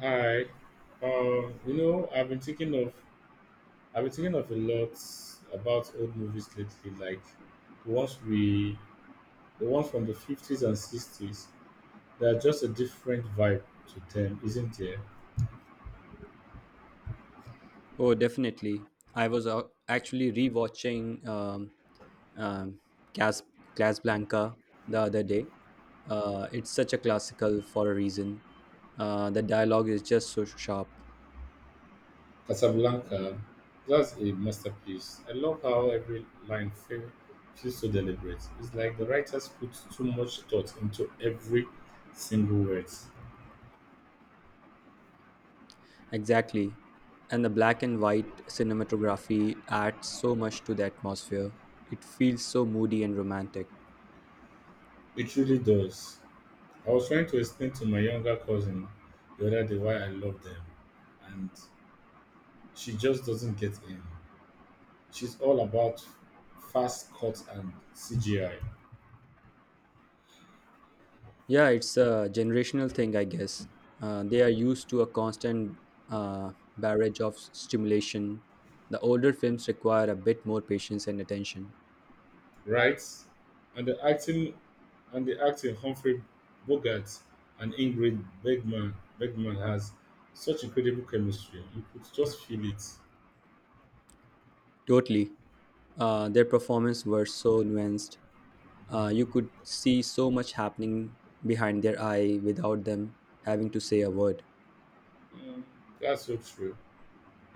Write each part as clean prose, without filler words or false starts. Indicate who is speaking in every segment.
Speaker 1: Hi. I've been thinking of a lot about old movies lately, like the ones we the ones from the fifties and sixties. They are just a different vibe to them, isn't there?
Speaker 2: Oh, definitely. I was actually rewatching um, Cas Casablanca the other day. It's such a classical for a reason. The dialogue is just so sharp.
Speaker 1: Casablanca, that's a masterpiece. I love how every line feels so deliberate. It's like the writers put too much thought into every single word.
Speaker 2: Exactly. And the black and white cinematography adds so much to the atmosphere. It feels so moody and romantic.
Speaker 1: It really does. I was trying to explain to my younger cousin the other day why I love them, and she just doesn't get in. She's all about fast cuts and CGI,
Speaker 2: Yeah, it's a generational thing, I guess. They are used to a constant uh, barrage of stimulation. The older films require a bit more patience and attention.
Speaker 1: right? And the acting, and the acting Humphrey Bogart and Ingrid Bergman has such incredible chemistry. You could just feel it.
Speaker 2: Totally. Their performance were so nuanced. You could see so much happening behind their eye without them having to say a word.
Speaker 1: Mm, that's so true.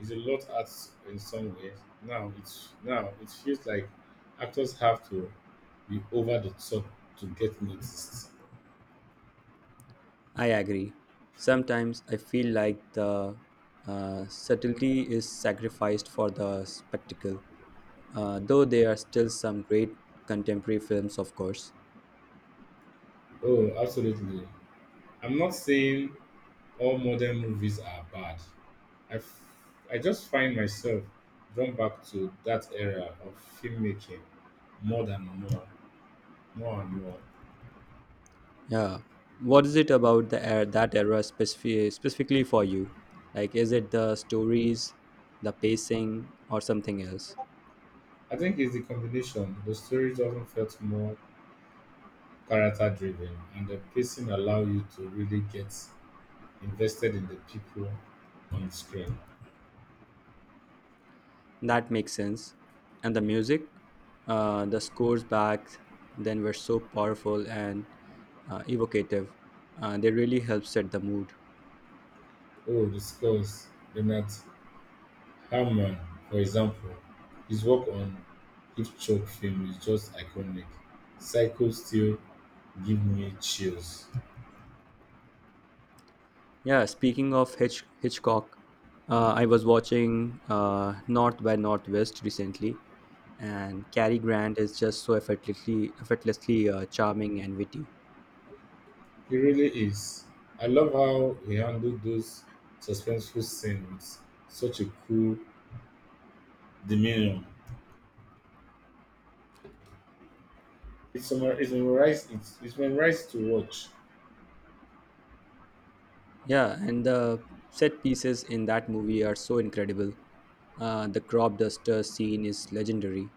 Speaker 1: It's a lot at in some ways. Now it feels like actors have to be over the top to get noticed.
Speaker 2: I agree. Sometimes I feel like the subtlety is sacrificed for the spectacle. Though there are still some great contemporary films, of course.
Speaker 1: Oh, absolutely. I'm not saying all modern movies are bad. I, f- I just find myself drawn back to that era of filmmaking more than more, more and more.
Speaker 2: Yeah, what is it about the era, that era specifically for you? Like, is it the stories, the pacing, or something else?
Speaker 1: I think it's the combination. The story doesn't felt more character driven, and the pacing allow you to really get invested in the people on screen.
Speaker 2: That makes sense. And the music, the scores back then were so powerful and evocative. They really helped set the mood.
Speaker 1: Oh, discuss Leonard Herrmann, for example. His work on Hitchcock film is just iconic. Psycho still give me chills.
Speaker 2: Yeah, speaking of Hitchcock, I was watching North by Northwest recently, and Cary Grant is just so effortlessly charming and witty.
Speaker 1: He really is. I love how he handled those suspenseful scenes with such a cool demeanor. It's memorized. It's memorized to watch.
Speaker 2: Yeah, and the set pieces in that movie are so incredible. The crop duster scene is legendary.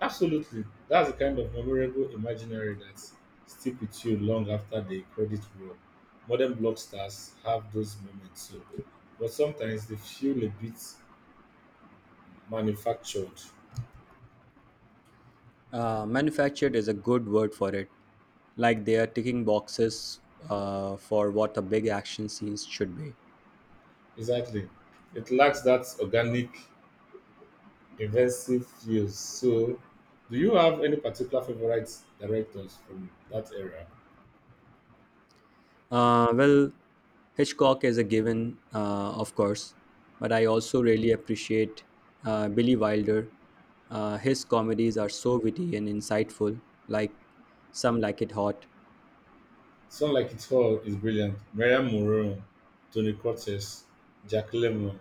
Speaker 1: Absolutely. That's the kind of memorable imaginary that stick with you long after the credit roll. Modern blockstars have those moments too, but sometimes they feel a bit manufactured.
Speaker 2: Manufactured is a good word for it. Like they are ticking boxes for what a big action scenes should be.
Speaker 1: Exactly. It lacks that organic, invasive feel. So, do you have any particular favorite directors from that era?
Speaker 2: Well, Hitchcock is a given, of course, but I also really appreciate Billy Wilder. His comedies are so witty and insightful, like Some Like It Hot.
Speaker 1: Sound Like It All is brilliant. Miriam Moreau, Tony Cortez, Jack Lemmon.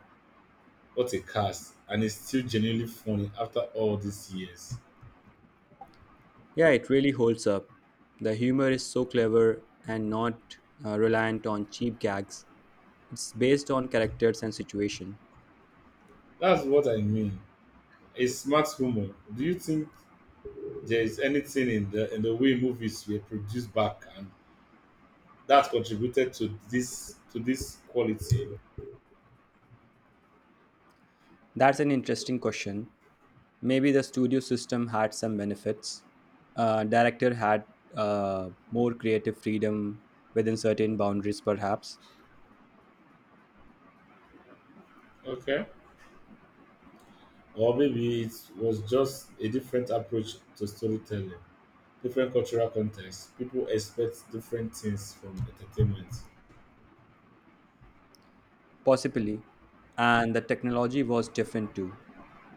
Speaker 1: What a cast, and it's still genuinely funny after all these years.
Speaker 2: Yeah, it really holds up. The humor is so clever and not reliant on cheap gags. It's based on characters and situation.
Speaker 1: That's what I mean. It's smart humor. Do you think there is anything in the way movies were produced back and that contributed to this quality?
Speaker 2: That's an interesting question. Maybe the studio system had some benefits. Director had more creative freedom within certain boundaries, perhaps,
Speaker 1: Okay. Or maybe it was just a different approach to storytelling, different cultural context. People expect different things from entertainment.
Speaker 2: possibly, and the technology was different too.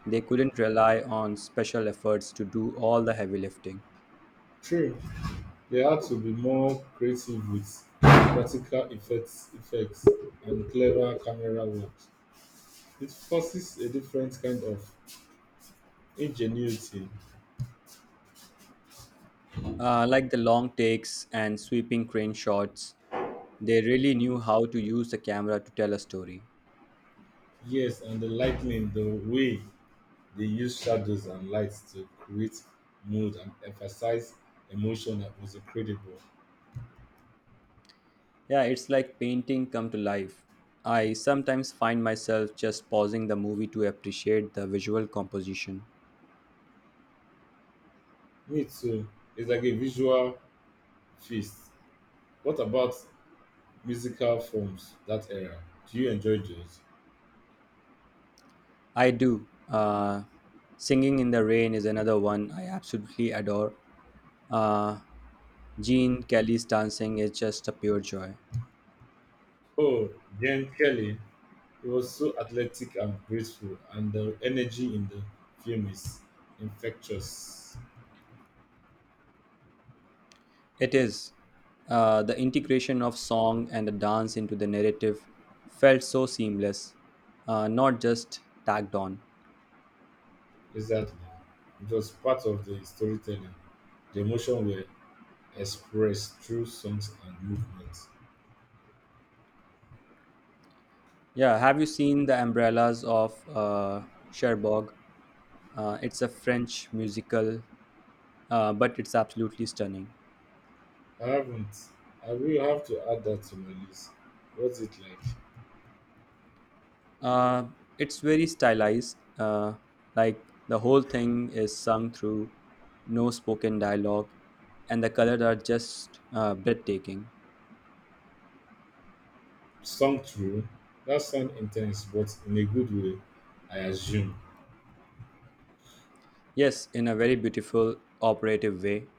Speaker 2: They couldn't rely on special efforts to do all the heavy lifting,
Speaker 1: True. They had to be more creative with practical effects and clever camera work. It forces a different kind of ingenuity.
Speaker 2: like the long takes and sweeping crane shots. They really knew how to use the camera to tell a story.
Speaker 1: Yes, and the lighting, the way they use shadows and lights to create mood and emphasize emotion that was incredible.
Speaker 2: Yeah, it's like painting come to life. I sometimes find myself just pausing the movie to appreciate the visual composition.
Speaker 1: Me too. It's like a visual feast. What about musical forms that era? Do you enjoy those?
Speaker 2: I do. Singing in the Rain is another one I absolutely adore. Uh, Gene Kelly's dancing is just a pure joy.
Speaker 1: Oh, Jen Kelly, he was so athletic and graceful, and the energy in the film is infectious.
Speaker 2: It is. The integration of song and the dance into the narrative felt so seamless, not just tagged on.
Speaker 1: Exactly. It was part of the storytelling. The emotion were expressed through songs and movements.
Speaker 2: Yeah, have you seen The Umbrellas of Cherbourg? It's a French musical, but it's absolutely stunning.
Speaker 1: I haven't. I will have to add that to my list. What's it like?
Speaker 2: Uh, it's very stylized. Like the whole thing is sung through, no spoken dialogue, and the colors are just breathtaking.
Speaker 1: Song through. That sound intense, but in a good way, I assume.
Speaker 2: Yes, in a very beautiful, operative way.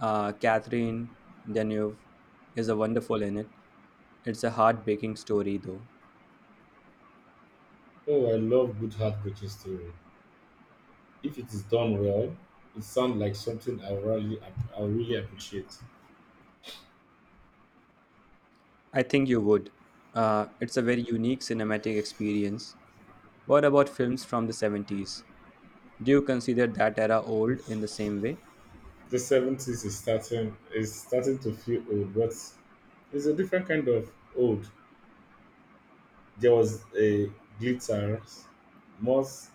Speaker 2: Catherine Deneuve is a wonderful in it. It's a heartbreaking story, though.
Speaker 1: Oh, I love good heartbreaking story. If it is done well, it sounds like something I really appreciate.
Speaker 2: I think you would. It's a very unique cinematic experience. What about films from the 70s? Do you consider that era old in the same way?
Speaker 1: The 70s is starting to feel old, but it's a different kind of old. There was a glitter, more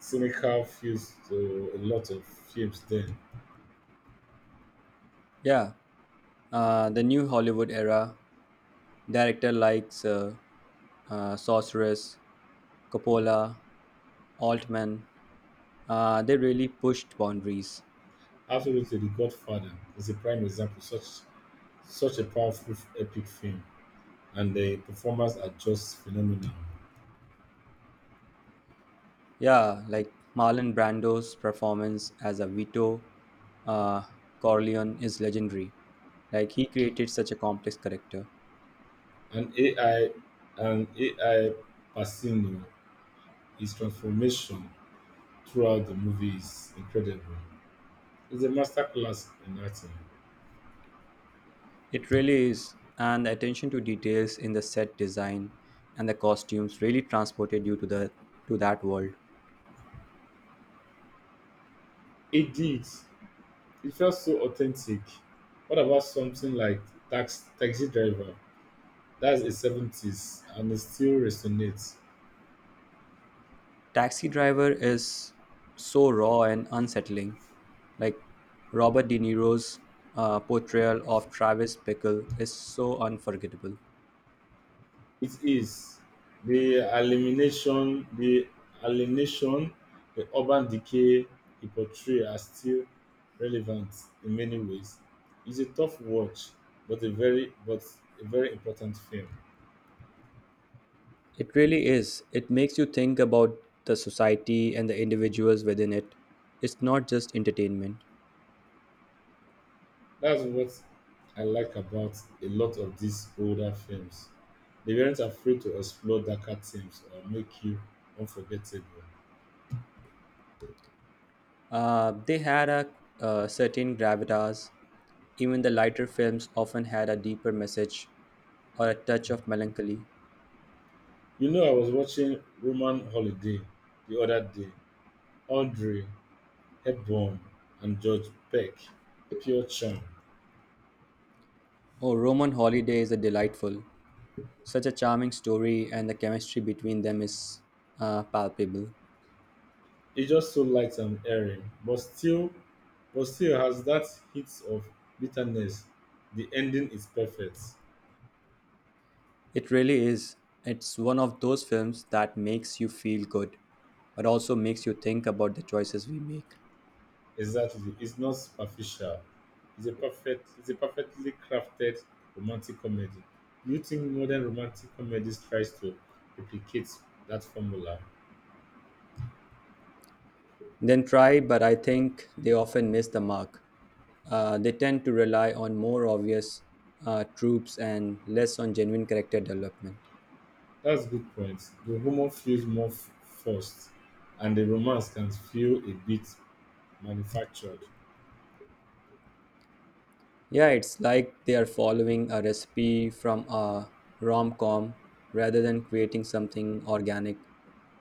Speaker 1: cynical fuse to a lot of films then.
Speaker 2: Yeah, the new Hollywood era, director likes Sorceress, Coppola, Altman, they really pushed boundaries.
Speaker 1: Absolutely, The Godfather is a prime example. Such a powerful epic film, and the performers are just phenomenal.
Speaker 2: Yeah, like Marlon Brando's performance as a Vito uh, Corleone is legendary. Like he created such a complex character.
Speaker 1: And AI and AI Pacino, his transformation throughout the movie is incredible. It's a masterclass in acting.
Speaker 2: It really is, and the attention to details in the set design and the costumes really transported you to the to that world.
Speaker 1: It did. It felt so authentic. What about something like Taxi Driver? That's a 70s and it still resonates.
Speaker 2: Taxi Driver is so raw and unsettling. Like Robert De Niro's portrayal of Travis Bickle is so unforgettable.
Speaker 1: It is. The alienation, alienation, the urban decay he portrays are still relevant in many ways. It's a tough watch, but a very important film.
Speaker 2: It really is. It makes you think about the society and the individuals within it. It's not just entertainment.
Speaker 1: That's what I like about a lot of these older films. They weren't afraid to explore darker themes or make you unforgettable.
Speaker 2: They had a certain gravitas. Even the lighter films often had a deeper message or a touch of melancholy.
Speaker 1: You know, I was watching Roman Holiday the other day. Audrey Hepburn and George Peck, pure charm.
Speaker 2: Oh, Roman Holiday is a delightful, such a charming story, and the chemistry between them is palpable.
Speaker 1: It's just so light and airy, but still has that hint of bitterness. The ending is perfect.
Speaker 2: It really is. It's one of those films that makes you feel good, but also makes you think about the choices we make.
Speaker 1: Exactly. It's not superficial. It's a perfectly crafted romantic comedy. Do you think modern romantic comedies tries to replicate that formula?
Speaker 2: Then try, but I think they often miss the mark. They tend to rely on more obvious tropes and less on genuine character development.
Speaker 1: That's a good point. The humor feels more forced and the romance can feel a bit manufactured.
Speaker 2: Yeah, it's like they are following a recipe from a rom com rather than creating something organic.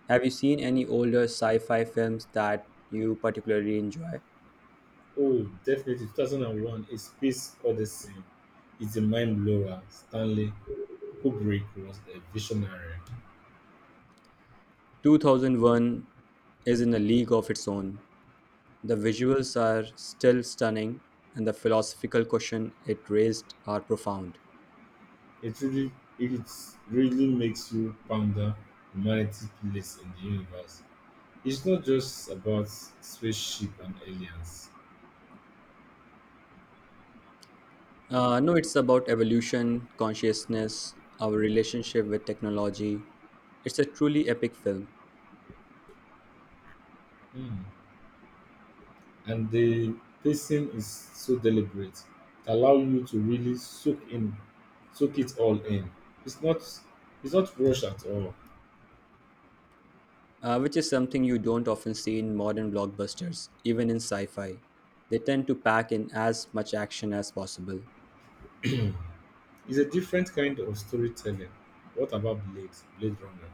Speaker 2: Have you seen any older sci fi films that you particularly enjoy?
Speaker 1: Oh, definitely 2001 A Space Odyssey is a mind blower. Stanley Kubrick was a visionary.
Speaker 2: 2001 is in a league of its own. The visuals are still stunning, and the philosophical question it raised are profound.
Speaker 1: It really, it really makes you ponder humanity's place in the universe. It's not just about spaceship and aliens.
Speaker 2: No, it's about evolution, consciousness, our relationship with technology. It's a truly epic film,
Speaker 1: Hmm. And the pacing is so deliberate. It allows you to really soak it all in. It's not rushed at all.
Speaker 2: which is something you don't often see in modern blockbusters, even in sci fi. They tend to pack in as much action as possible.
Speaker 1: It's a different kind of storytelling. What about Blade Runner?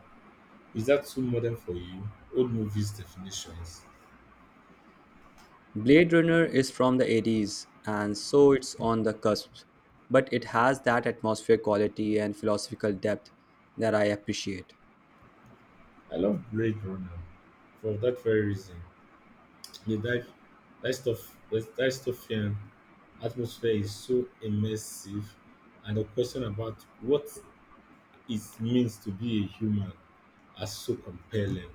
Speaker 1: Is that too modern for you? Old movies definitions.
Speaker 2: Blade Runner is from the 80s, and so it's on the cusp, but it has that atmospheric quality and philosophical depth that I appreciate.
Speaker 1: I love Blade Runner for that very reason. The dystopian atmosphere is so immersive, and the question about what it means to be a human are so compelling.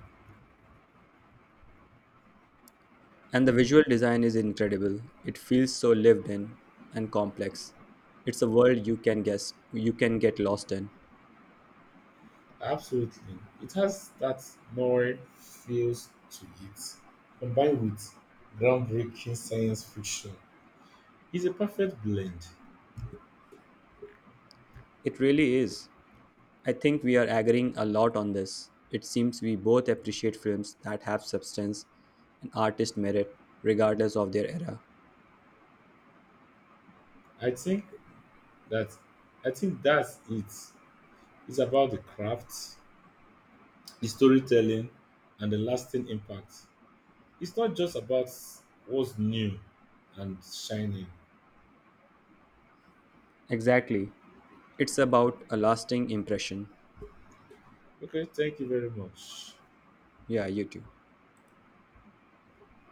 Speaker 2: And the visual design is incredible. It feels so lived in and complex. It's a world you can guess, you can get lost in.
Speaker 1: Absolutely. It has that moral feels to it, combined with groundbreaking science fiction. It's a perfect blend.
Speaker 2: It really is. I think we are agreeing a lot on this. It seems we both appreciate films that have substance and artist merit, regardless of their era.
Speaker 1: I think that I think that's it. It's about the craft, the storytelling, and the lasting impact. It's not just about what's new and shining.
Speaker 2: Exactly. It's about a lasting impression.
Speaker 1: Okay, thank you very much.
Speaker 2: Yeah, you too.